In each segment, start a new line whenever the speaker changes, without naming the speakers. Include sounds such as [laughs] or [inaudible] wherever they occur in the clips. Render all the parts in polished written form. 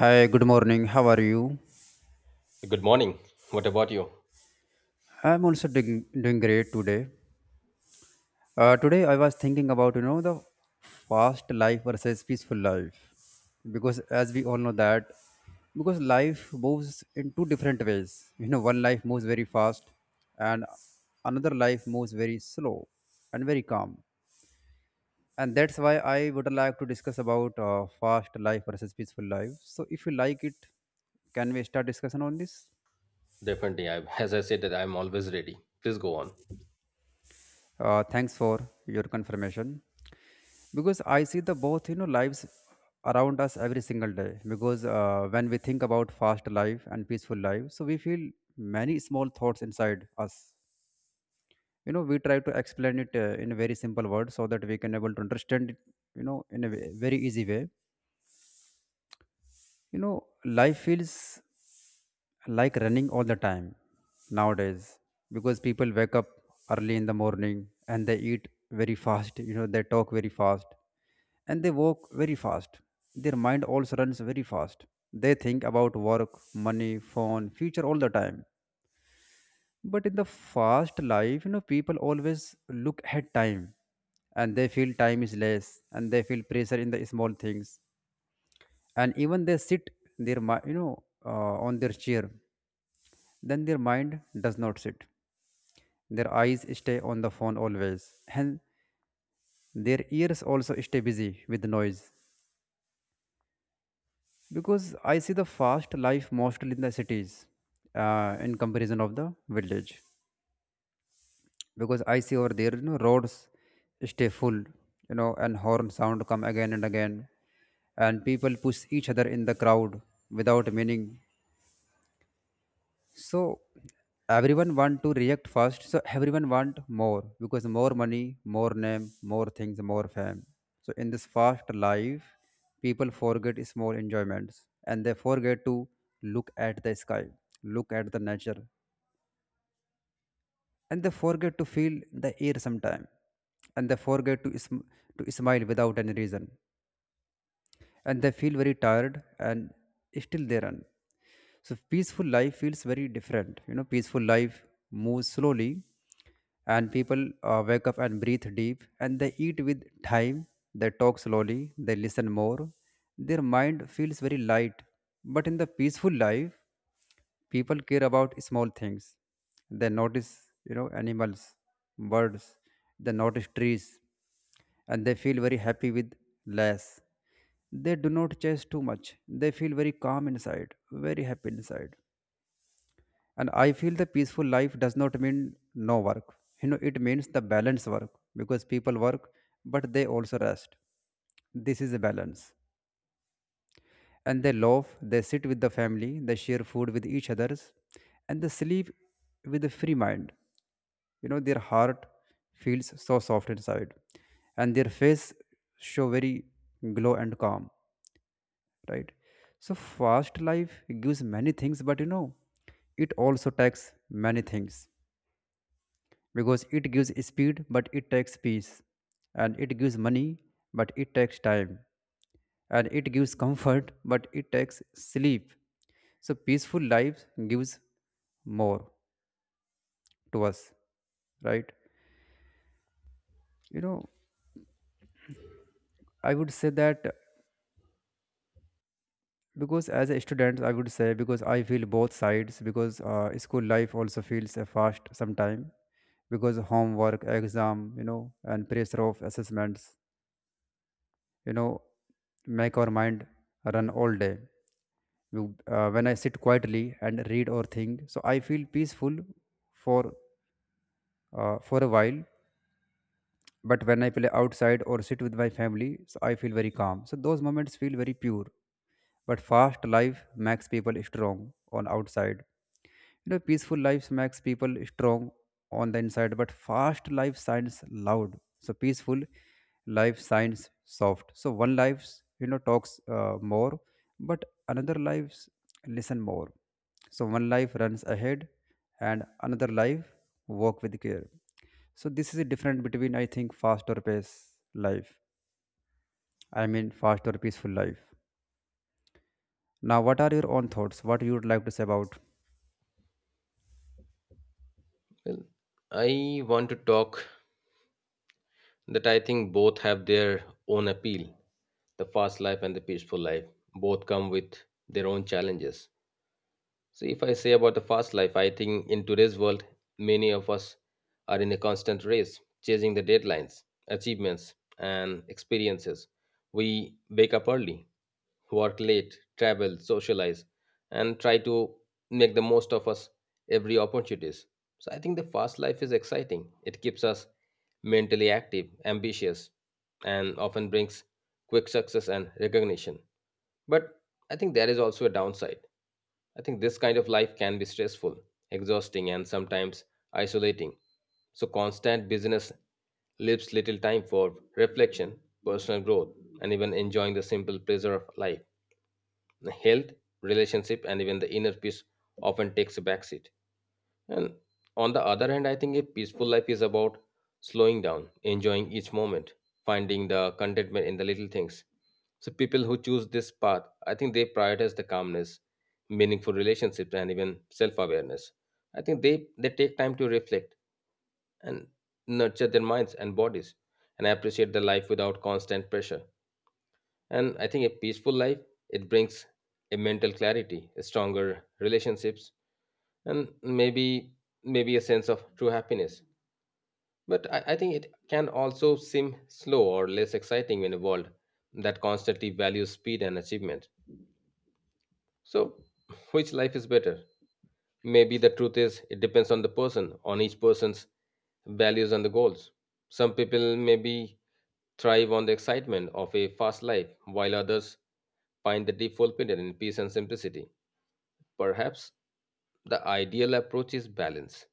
Hi, good morning. How are you?
Good morning. What about you?
I'm also doing great today. Today I was thinking about the fast life versus peaceful life, because as we all know that, because life moves in two different ways. One life moves very fast, and another life moves very slow and very calm. And that's why I would like to discuss about fast life versus peaceful life. So if you like it, can we start discussion on this?
Definitely. I, [laughs] as I said, that I'm always ready. Please go on.
Thanks for your confirmation. Because I see the both lives around us every single day. Because when we think about fast life and peaceful life, so we feel many small thoughts inside us. We try to explain it in very simple words so that we can able to understand it. In a very easy way. Life feels like running all the time nowadays, because people wake up early in the morning, and they eat very fast, they talk very fast, and they walk very fast. Their mind also runs very fast. They think about work, money, phone, future all the time. But in the fast life, people always look at time, and they feel time is less, and they feel pressure in the small things. And even they sit their mi- you know on their chair, then their mind does not sit. Their eyes stay on the phone always, and their ears also stay busy with noise. Because I see the fast life mostly in the cities, in comparison of the village. Because I see over there, roads stay full, and horn sound come again and again, and people push each other in the crowd without meaning. So everyone want to react fast. So everyone want more, because more money, more name, more things, more fame. So in this fast life, people forget small enjoyments, and they forget to look at the sky, look at the nature, and they forget to feel the air sometime, and they forget to to smile without any reason. And they feel very tired, and still they run. So peaceful life feels very different. Peaceful life moves slowly, and people wake up and breathe deep, and they eat with time. They talk slowly, they listen more. Their mind feels very light. But in the peaceful life, people care about small things. They notice, animals, birds, they notice trees, and they feel very happy with less. They do not chase too much. They feel very calm inside, very happy inside. And I feel the peaceful life does not mean no work. It means the balance work, because people work, but they also rest. This is a balance, and they laugh, they sit with the family, they share food with each others, and they sleep with a free mind. Their heart feels so soft inside, and their face show very glow and calm, right? So fast life gives many things, but it also takes many things. Because it gives speed, but it takes peace, and it gives money, but it takes time, and it gives comfort, but it takes sleep. So peaceful life gives more to us, right? You know, I would say that, because as a student I would say, because I feel both sides, because school life also feels a fast sometime. Because homework, exam, and pressure of assessments, you know make our mind run all day. When I sit quietly and read or think, so I feel peaceful for for a while. But when I play outside or sit with my family, so I feel very calm. So those moments feel very pure. But fast life makes people strong on outside. You know, peaceful lives makes people strong on the inside. But fast life sounds loud. So peaceful life sounds soft. So one life, talks more, but another lives listen more. So one life runs ahead, and another life walk with care. So this is a difference between, I think, fast or pace life. I mean, fast or peaceful life. Now, what are your own thoughts? What you would like to say about?
Well, I want to talk that I think both have their own appeal. The fast life and the peaceful life both come with their own challenges. So, if I say about the fast life, I think in today's world, many of us are in a constant race, chasing the deadlines, achievements, and experiences. We wake up early, work late, travel, socialize, and try to make the most of us every opportunities. So, I think the fast life is exciting. It keeps us mentally active, ambitious, and often brings quick success and recognition. But I think there is also a downside. I think this kind of life can be stressful, exhausting, and sometimes isolating. So, constant business leaves little time for reflection, personal growth, and even enjoying the simple pleasure of life. The health, relationship, and even the inner peace often takes a backseat. And on the other hand, I think a peaceful life is about slowing down, enjoying each moment, finding the contentment in the little things. So people who choose this path, I think they prioritize the calmness, meaningful relationships, and even self-awareness. I think they take time to reflect and nurture their minds and bodies, and appreciate the life without constant pressure. And I think a peaceful life it brings a mental clarity, a stronger relationships, and maybe a sense of true happiness. But I think it can also seem slow or less exciting in a world that constantly values speed and achievement. So, which life is better? Maybe the truth is it depends on the person, on each person's values and the goals. Some people maybe thrive on the excitement of a fast life, while others find the deep fulfillment in peace and simplicity. Perhaps the ideal approach is balance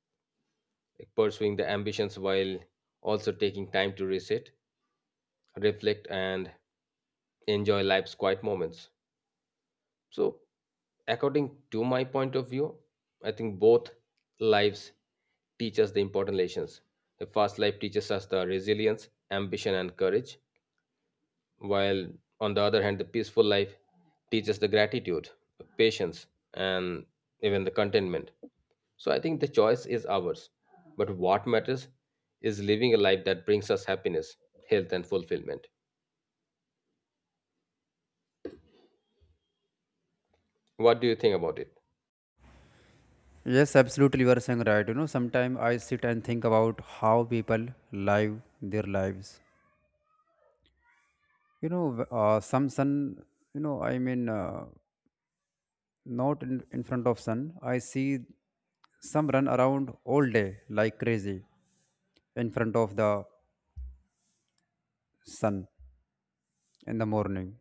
like pursuing the ambitions while also taking time to reset, reflect, and enjoy life's quiet moments. So, according to my point of view, I think both lives teach us the important lessons. The first life teaches us the resilience, ambition, and courage, while on the other hand the peaceful life teaches the gratitude, patience, and even the contentment. So I think the choice is ours, but what matters is living a life that brings us happiness, health, and fulfillment. What do you think about it?
Yes, absolutely. You are saying right. You know, sometimes I sit and think about how people live their lives. Some sun, I mean, not in, in front of sun. I see some run around all day like crazy in front of the sun in the morning.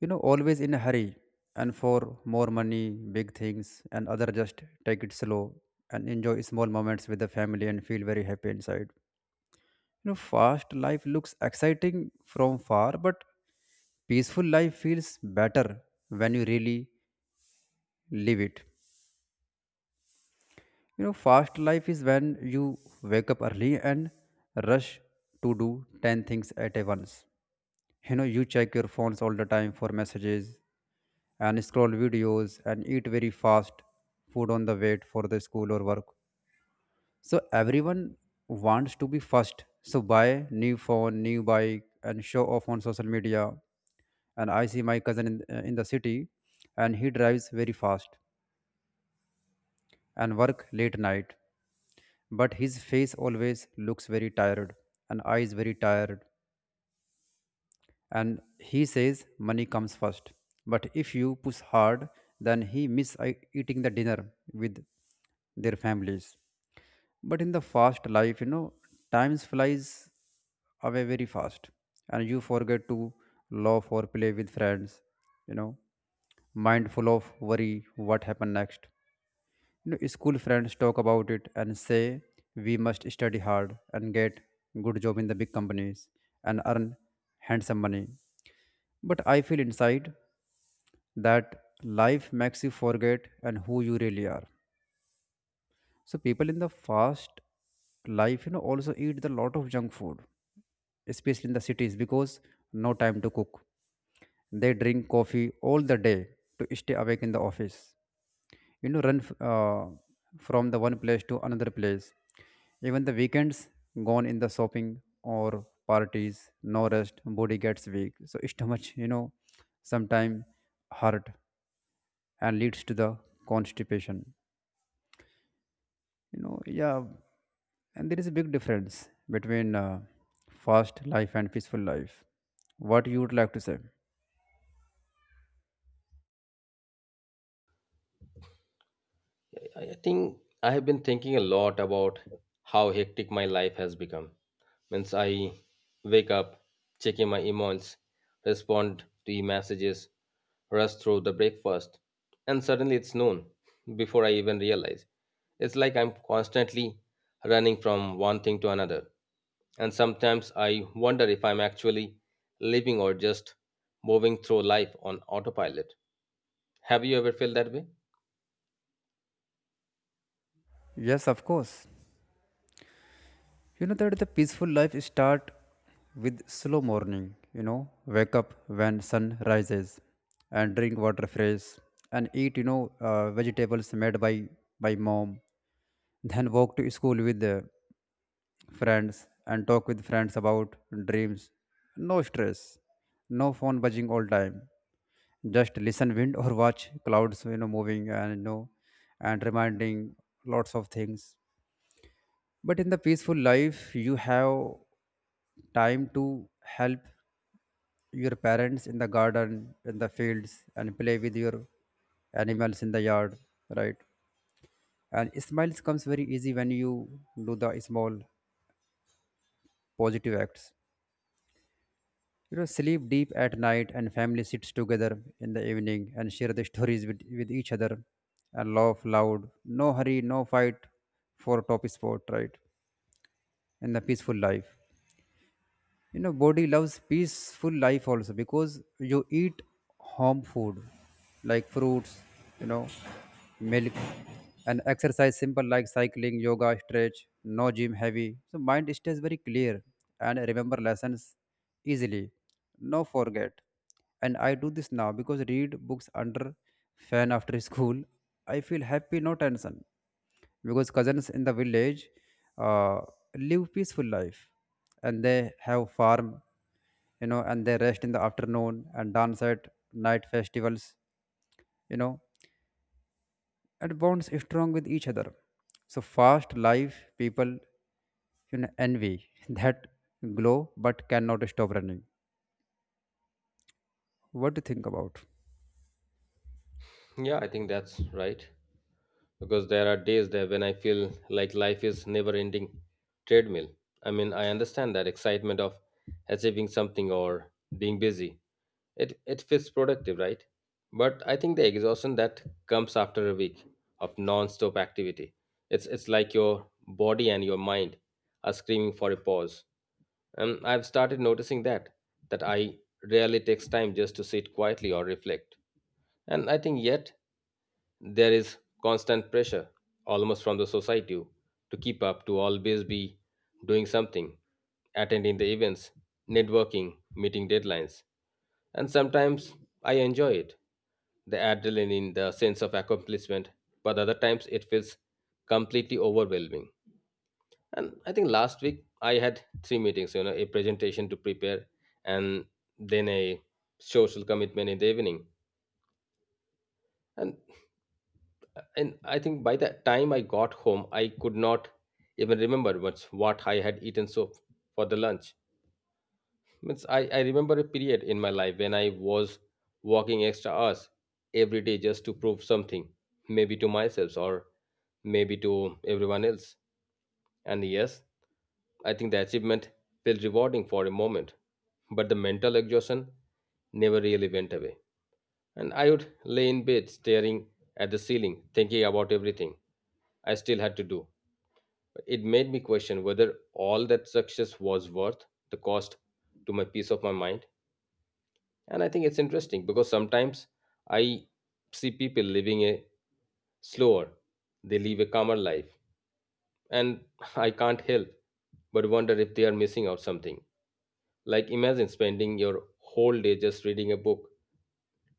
You know, always in a hurry, and for more money, big things, and other just take it slow, and enjoy small moments with the family, and feel very happy inside. You know, fast life looks exciting from far, but peaceful life feels better when you really live it. You know, fast life is when you wake up early and rush to do 10 things at a once. You know, you check your phones all the time for messages, and scroll videos, and eat very fast food on the way for the school or work. So everyone wants to be first. So buy new phone, new bike, and show off on social media. And I see my cousin in the city, and he drives very fast and work late night, but his face always looks very tired, and eyes very tired. And he says money comes first, but if you push hard, then he miss eating the dinner with their families. But in the fast life, times flies away very fast, and you forget to laugh or play with friends. You know, mindful of worry what happened next. You know, school friends talk about it and say we must study hard and get good job in the big companies and earn handsome money. But I feel inside that life makes you forget and who you really are. So people in the fast life, also eat the lot of junk food, especially in the cities, because no time to cook. They drink coffee all the day to stay awake in the office. You know, from the one place to another place. Even the weekends gone in the shopping or parties, no rest, body gets weak. So [laughs] stomach, sometime hurt, and leads to the constipation, you know. Yeah. And there is a big difference between fast life and peaceful life. What you would like to say?
I think I have been thinking a lot about how hectic my life has become. Means I wake up, check my emails, respond to e messages, rush through the breakfast, and suddenly it's noon [laughs] before I even realize. It's like I'm constantly running from one thing to another. And sometimes I wonder if I'm actually living or just moving through life on autopilot. Have you ever felt that way?
Yes, of course. You know that the peaceful life start with slow morning. You know, wake up when sun rises, and drink water fresh, and eat, vegetables made by mom. Then walk to school with the friends, and talk with friends about dreams. No stress, no phone buzzing all time. Just listen wind or watch clouds, moving, and reminding lots of things. But in the peaceful life, you have time to help your parents in the garden, in the fields, and play with your animals in the yard, right? And smiles comes very easy when you do the small positive acts. You know, sleep deep at night, and family sits together in the evening and share the stories with each other, and laugh loud. No hurry, no fight for top spot, right? And the peaceful life, body loves peaceful life also, because you eat home food like fruits, you know milk, and exercise simple like cycling, yoga, stretch, no gym heavy. So mind stays very clear, and remember lessons easily, no forget. And I do this now, because read books under fan after [laughs] school. I feel happy, no tension, because cousins in the village uh, live peaceful life, and they have farm. You know, and they rest in the afternoon, and dance at night festivals, you know and bonds strong with each other. So fast life people, envy [laughs] that glow, but cannot stop running. What do you think about?
Yeah, I think that's right. Because there are days there when I feel like life is never ending treadmill. I mean, I understand that excitement of achieving something or being busy. It feels productive, right? But I think the exhaustion that comes after a week of non-stop activity. It's like your body and your mind are screaming for a pause. And I've started noticing that I rarely takes time just to sit quietly or reflect. And I think yet there is constant pressure, almost from the society, to keep up, to always be doing something, attending the events, networking, meeting deadlines. And sometimes I enjoy it, the adrenaline, the sense of accomplishment, but other times it feels completely overwhelming. And I think last week I had three meetings, you know, a presentation to prepare and then a social commitment in the evening. And and I think by the time I got home I could not even remember what's what I had eaten so for the lunch. Means I remember a period in my life when I was walking extra hours every day just to prove something, maybe to myself or maybe to everyone else. And yes, I think the achievement felt rewarding for a moment, but the mental exhaustion never really went away, and I would lay in bed staring at the ceiling thinking about everything I still had to do. It made me question whether all that success was worth the cost to my peace of my mind. And I think it's interesting because sometimes I see people living a slower, they live a calmer life. And [laughs] I can't help but wonder if they are missing out something. Like imagine spending your whole day just reading a book,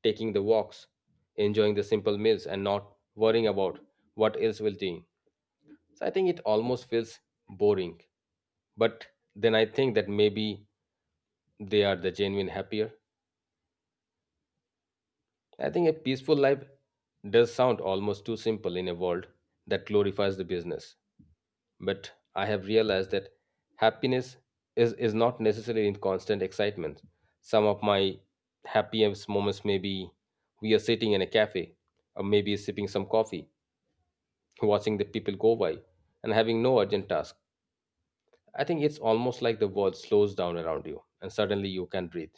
taking the walks, enjoying the simple meals, and not worrying about what else will change. So I think it almost feels boring. But then I think that maybe they are the genuine happier. I think a peaceful life does sound almost too simple in a world that glorifies the business, but I have realized that happiness is not necessarily in constant excitement. Some of my happiest moments may be we are sitting in a cafe or maybe sipping some coffee, watching the people go by, and having no urgent task. I think it's almost like the world slows down around you and suddenly you can breathe.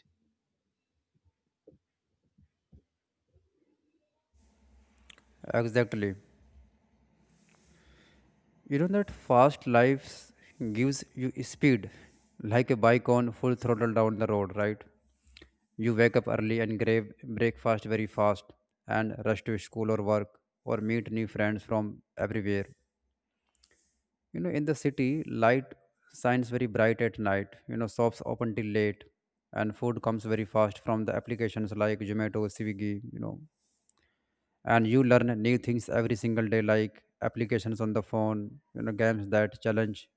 Exactly. You know that fast life gives you speed, like a bike on full throttle down the road, right? You wake up early and grab breakfast very fast, and rush to school or work, or meet new friends from everywhere. You know, in the city, light shines very bright at night. You know, shops open till late, and food comes very fast from the applications like Zomato, Swiggy, you know. And you learn new things every single day, like applications on the phone, games that challenge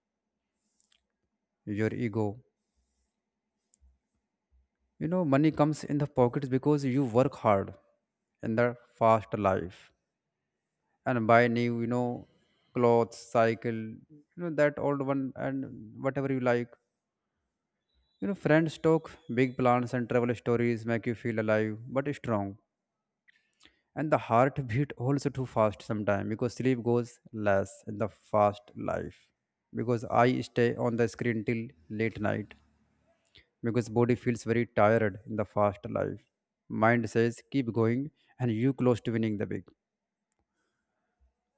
your ego. You know, money comes in the pockets because you work hard in the fast life, and buy new, clothes, cycle, that old one, and whatever you like. You know, friends talk big plans and travel stories make you feel alive but strong. And the heart [laughs] beat also too fast sometimes because sleep goes less in the fast life. Because I stay on the screen till late night, because body feels very tired in the fast life, mind says keep going and you close to winning the big,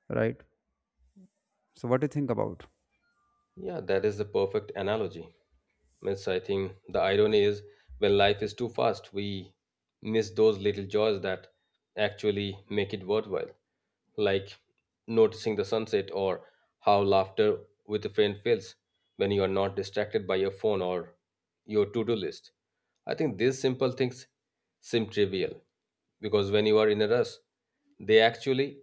right? So what do you think about?
Yeah, that is the perfect analogy. Miss, I think the irony is when life is too fast, we miss those little joys that actually make it worthwhile, like noticing the sunset or how laughter with a friend feels when you are not distracted by your phone or your to do list. I think these simple things seem trivial because when you are in a rush, they actually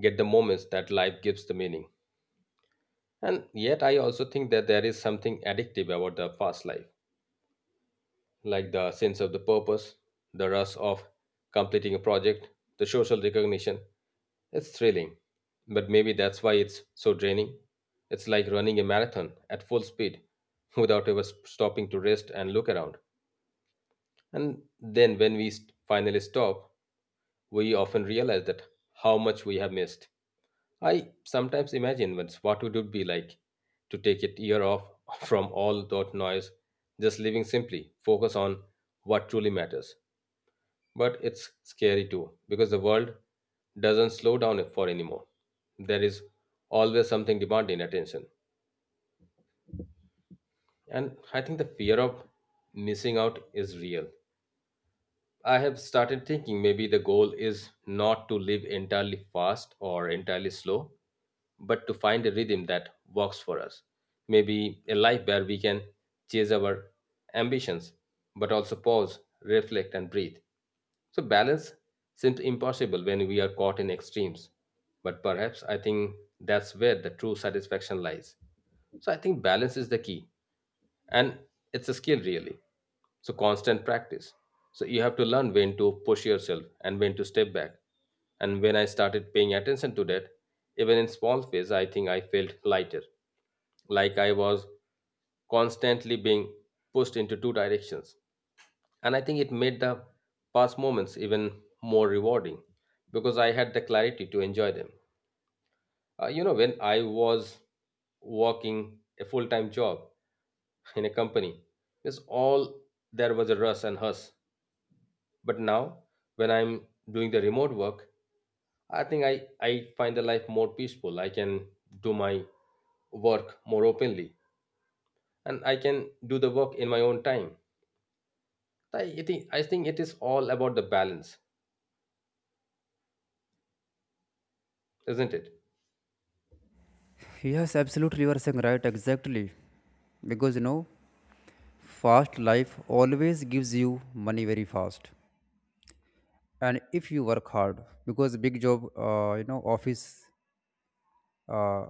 get the moments that life gives the meaning. And yet, I also think that there is something addictive about the fast life, like the sense of the purpose, the rush of completing a project, the social recognition. It's thrilling, but maybe that's why it's so draining. It's like running a marathon at full speed [laughs] without ever stopping to rest and look around. And then, when we finally stop, we often realize that how much we have missed. I sometimes imagine what it would be like to take a year off [laughs] from all that noise, just living simply, focus on what truly matters. But it's scary too, because the world doesn't slow down for anymore. There is always something demanding attention. And I think the fear of missing out is real. I have started thinking maybe the goal is not to live entirely fast or entirely slow, but to find a rhythm that works for us. Maybe a life where we can chase our ambitions, but also pause, reflect, and breathe. So, balance seems impossible when we are caught in extremes, but perhaps I think that's where the true satisfaction lies. So, I think balance is the key, and it's a skill really. So constant practice, so you have to learn when to push yourself and when to step back. And when I started paying attention to that, even in small ways, I think I felt lighter, like I was constantly being pushed into two directions. And I think it made the past moments even more rewarding because I had the clarity to enjoy them. You know, when I was working a full time job in a company, it's all there was a rush and hustle. But now, when I'm doing the remote work, I think I find the life more peaceful. I can do my work more openly and I can do the work in my own time. I think it is all about the balance, isn't it?
Yes, absolutely, you are saying right, exactly. Because fast life always gives you money very fast, and if you work hard because big job, office uh,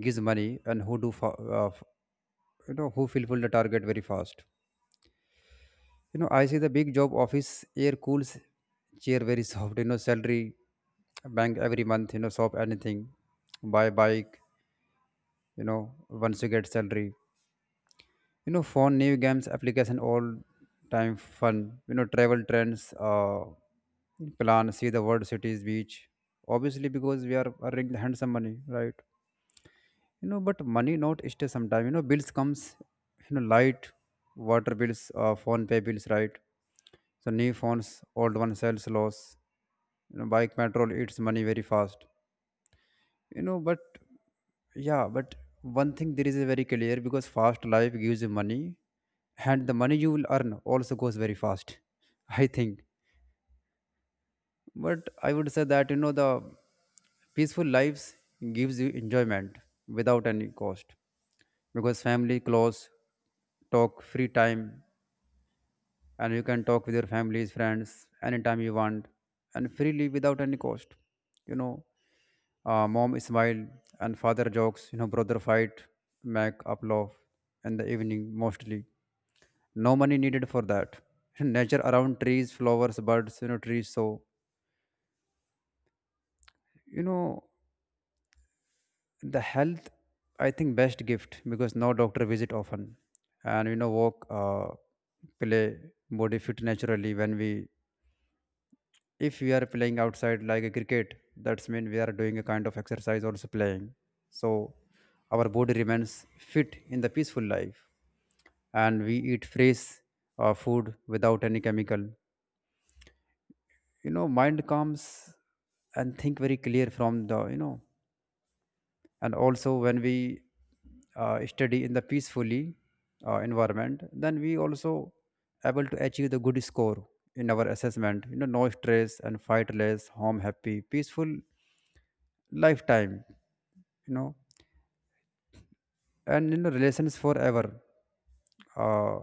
gives money and who do who fulfill the target very fast. I see the big job office air cools, chair very soft, you know, salary bank every month, you know, shop anything, buy bike, you know, once you get salary. You know, phone, new games, application, all time fun, you know, travel trends, plan, see the world cities, beach. Obviously, because we are earning handsome money, right? But money not stay sometime, you know, bills comes, you know, light water bills, phone pay bills, right? So new phones, old one sells loss, bike petrol eats money very fast, but yeah, but one thing there is very clear, because fast life gives you money and the money you will earn also goes very fast, [laughs] I think. But I would say that, the peaceful lives gives you enjoyment without any cost, because family close, talk free time, and you can talk with your families friends anytime you want and freely without any cost, you know mom smile and father jokes, brother fight, make up love in the evening mostly. No money needed for that. [laughs] Nature around, trees, flowers, birds, trees. So you know the health, I think, best gift because no doctor visit often, and walk, play, body fit naturally when we, if we are playing outside like a cricket, that's mean we are doing a kind of exercise also playing. So our body remains fit in the peaceful life, and we eat fresh food without any chemical. Mind comes and think very clear from the, and also when we study in the peacefully environment, then we also able to achieve the good score in our assessment. No stress and fight less, home happy, peaceful lifetime. you know and relations forever uh,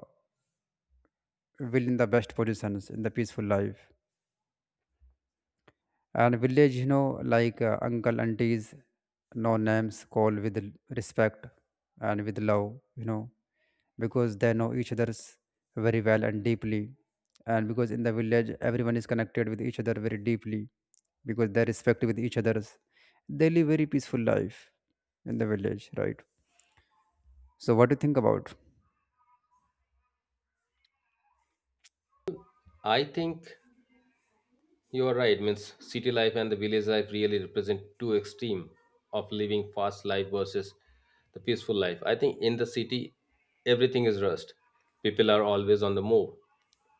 will in the best positions in the peaceful life. And village, like uncle aunties, no names, call with respect and with love, because they know each other's very well and deeply. And because in the village everyone is connected with each other very deeply, because they respect with each other's, they live very peaceful life in the village, right? So what do you think about?
I think you are right. Means city life and the village life really represent two extreme of living fast life versus the peaceful life. I think in the city, everything is rushed. People are always on the move.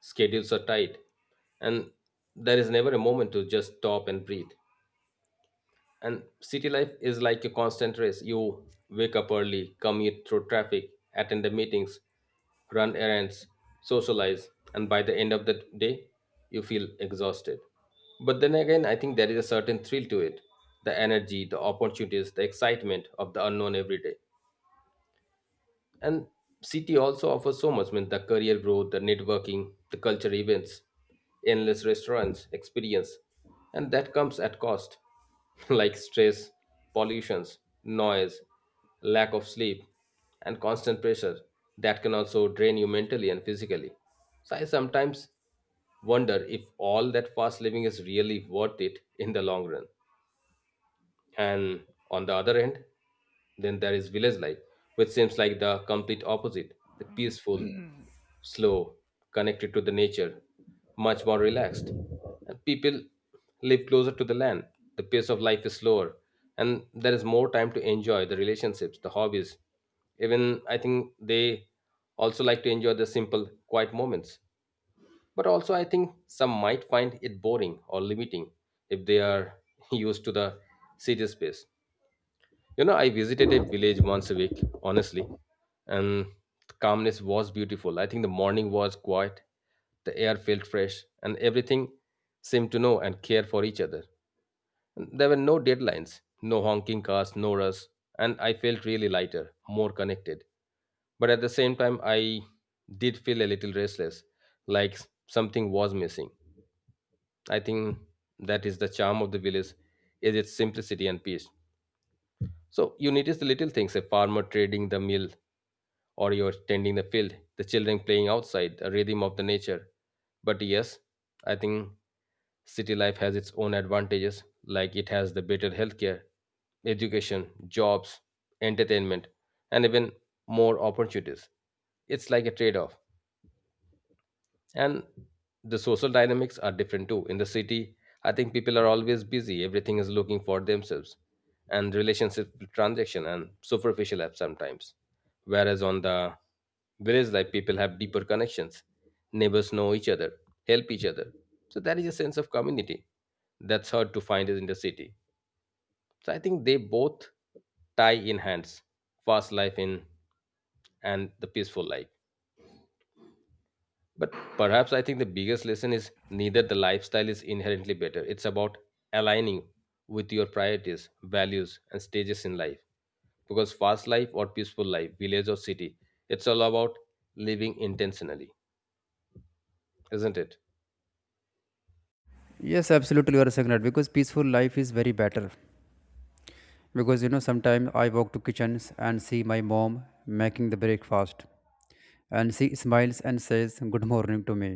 Schedules are tight, and there is never a moment to just stop and breathe. And city life is like a constant race. You wake up early, commute through traffic, attend the meetings, run errands, socialize, and by the end of the day, you feel exhausted. But then again, I think there is a certain thrill to it, the energy, the opportunities, the excitement of the unknown every day. And city also offers so much, I mean, the career growth, the networking, the culture events, endless restaurants, experience. And that comes at cost, [laughs] like stress, pollutions, noise, lack of sleep, and constant pressure that can also drain you mentally and physically. So I sometimes wonder if all that fast living is really worth it in the long run. And on the other end, then there is village life, which seems like the complete opposite the peaceful, slow, connected to the nature, much more relaxed. And people live closer to the land. The pace of life is slower, and there is more time to enjoy the relationships, the hobbies. Even I think they also like to enjoy the simple, quiet moments. But also, I think some might find it boring or limiting if they are [laughs] used to the city space. You know, I visited a village once a week, honestly, and the calmness was beautiful. I think the morning was quiet, the air felt fresh, and everything seemed to know and care for each other. And there were no deadlines, no honking cars, no rush, and I felt really lighter, more connected. But at the same time, I did feel a little restless, like something was missing. I think that is the charm of the village, is its simplicity and peace. So you notice the little things, a farmer trading the mill or you're tending the field, the children playing outside, the rhythm of the nature. But yes, I think city life has its own advantages, like it has the better healthcare, education, jobs, entertainment, and even more opportunities. It's like a trade off. And the social dynamics are different too in the city. I think people are always busy, everything is looking for themselves, and relationship transaction and superficial apps sometimes, whereas on the village life people have deeper connections, neighbors know each other, help each other. So that is a sense of community that's hard to find in the city. So I think they both tie in hands, fast life in and the peaceful life. But perhaps I think the biggest lesson is neither the lifestyle is inherently better. It's about aligning with your priorities, values, and stages in life. Because fast life or peaceful life, village or city, it's all about living intentionally, isn't it?
Yes, absolutely, you are saying right, because peaceful life is very better. Because sometimes I walk to kitchens and see my mom making the breakfast, and she smiles and says good morning to me,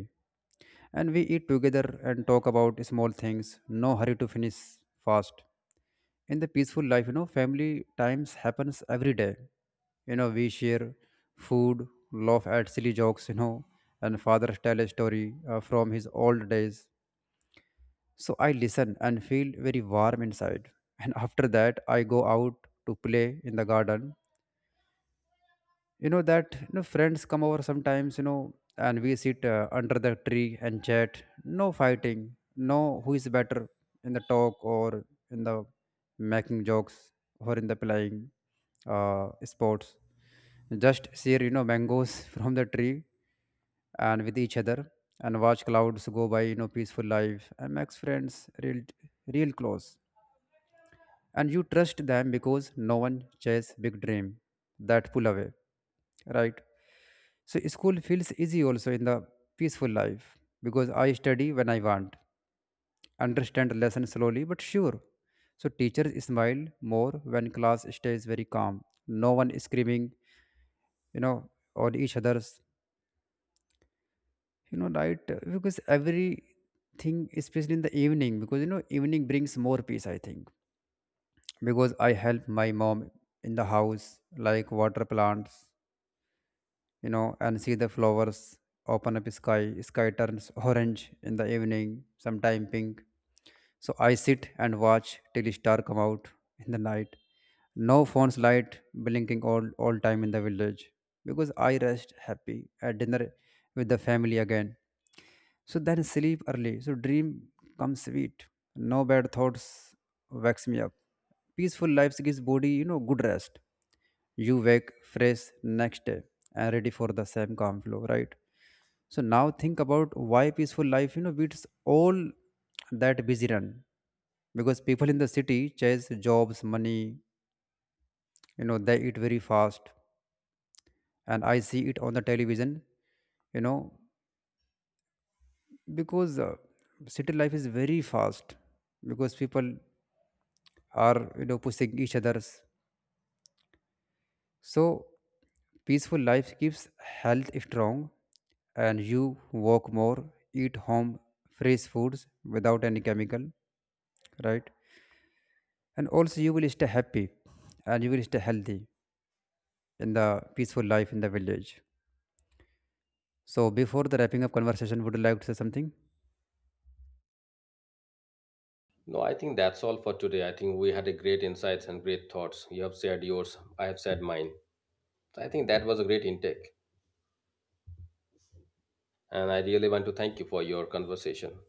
and we eat together and talk about small things, no hurry to finish fast. In the peaceful life, family times happens every day. We share food, laugh at silly jokes, and father tell a story from his old days. So I listen and feel very warm inside. And after that, I go out to play in the garden. You know that you know friends come over sometimes, and we sit under the tree and chat. No fighting, no who is better in the talk, or in the making jokes, or in the playing uh, sports. Just share, mangoes [laughs] from the tree, and with each other, and watch clouds go by. Peaceful life and makes friends real, real close, and you trust them because no one chase big dream that pull away, right? So school feels easy also in the peaceful life, because I study when I want, understand lesson slowly but sure. So teachers smile more when class stays very calm. No one is screaming, you know, on each other's, you know, right? Because everything, especially in the evening, because you know, evening brings more peace, I think. Because I help my mom in the house, like water plants, you know, and see the flowers open up sky. Sky turns orange in the evening, sometime pink. So I sit and watch till star come out in the night. No phones light blinking all time in the village, because I rest happy at dinner with the family again. So then sleep early, so dream comes sweet. No bad thoughts wakes me up. Peaceful lives gives body, good rest, you wake fresh next day and ready for the same calm flow, right? So now think about why peaceful life, beats all that busy run. Because people in the city chase jobs, money, they eat very fast, and I see it on the television, you know because city life is very fast, because people are, pushing each others. So peaceful life keeps health strong, and you walk more, eat home fresh foods without any chemical, right? And also, you will stay happy and you will stay healthy in the peaceful life in the village. So before the wrapping up conversation, would you like to say something?
No, I think that's all for today. I think we had a great insights and great thoughts. You have shared yours, I have shared mine. So I think that was a great intake. And I really want to thank you for your conversation.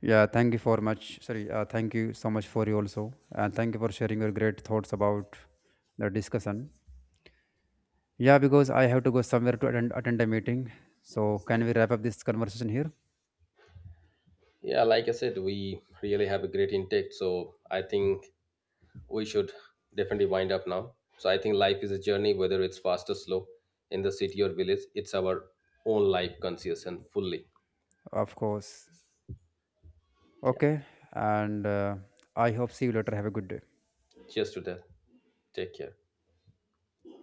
Yeah, thank you for much. Sorry, thank you so much for you also, and thank you for sharing your great thoughts about the discussion. Yeah, because I have to go somewhere to attend a meeting. So can we wrap up this conversation here?
Yeah, like I said, we really have a great intake. So I think we should definitely wind up now. So I think life is a journey, whether it's fast or slow, in the city or village. It's our own life, conscious and fully.
Of course.
Yeah.
Okay. And I hope see you later. Have a good day.
Cheers to that. Take care.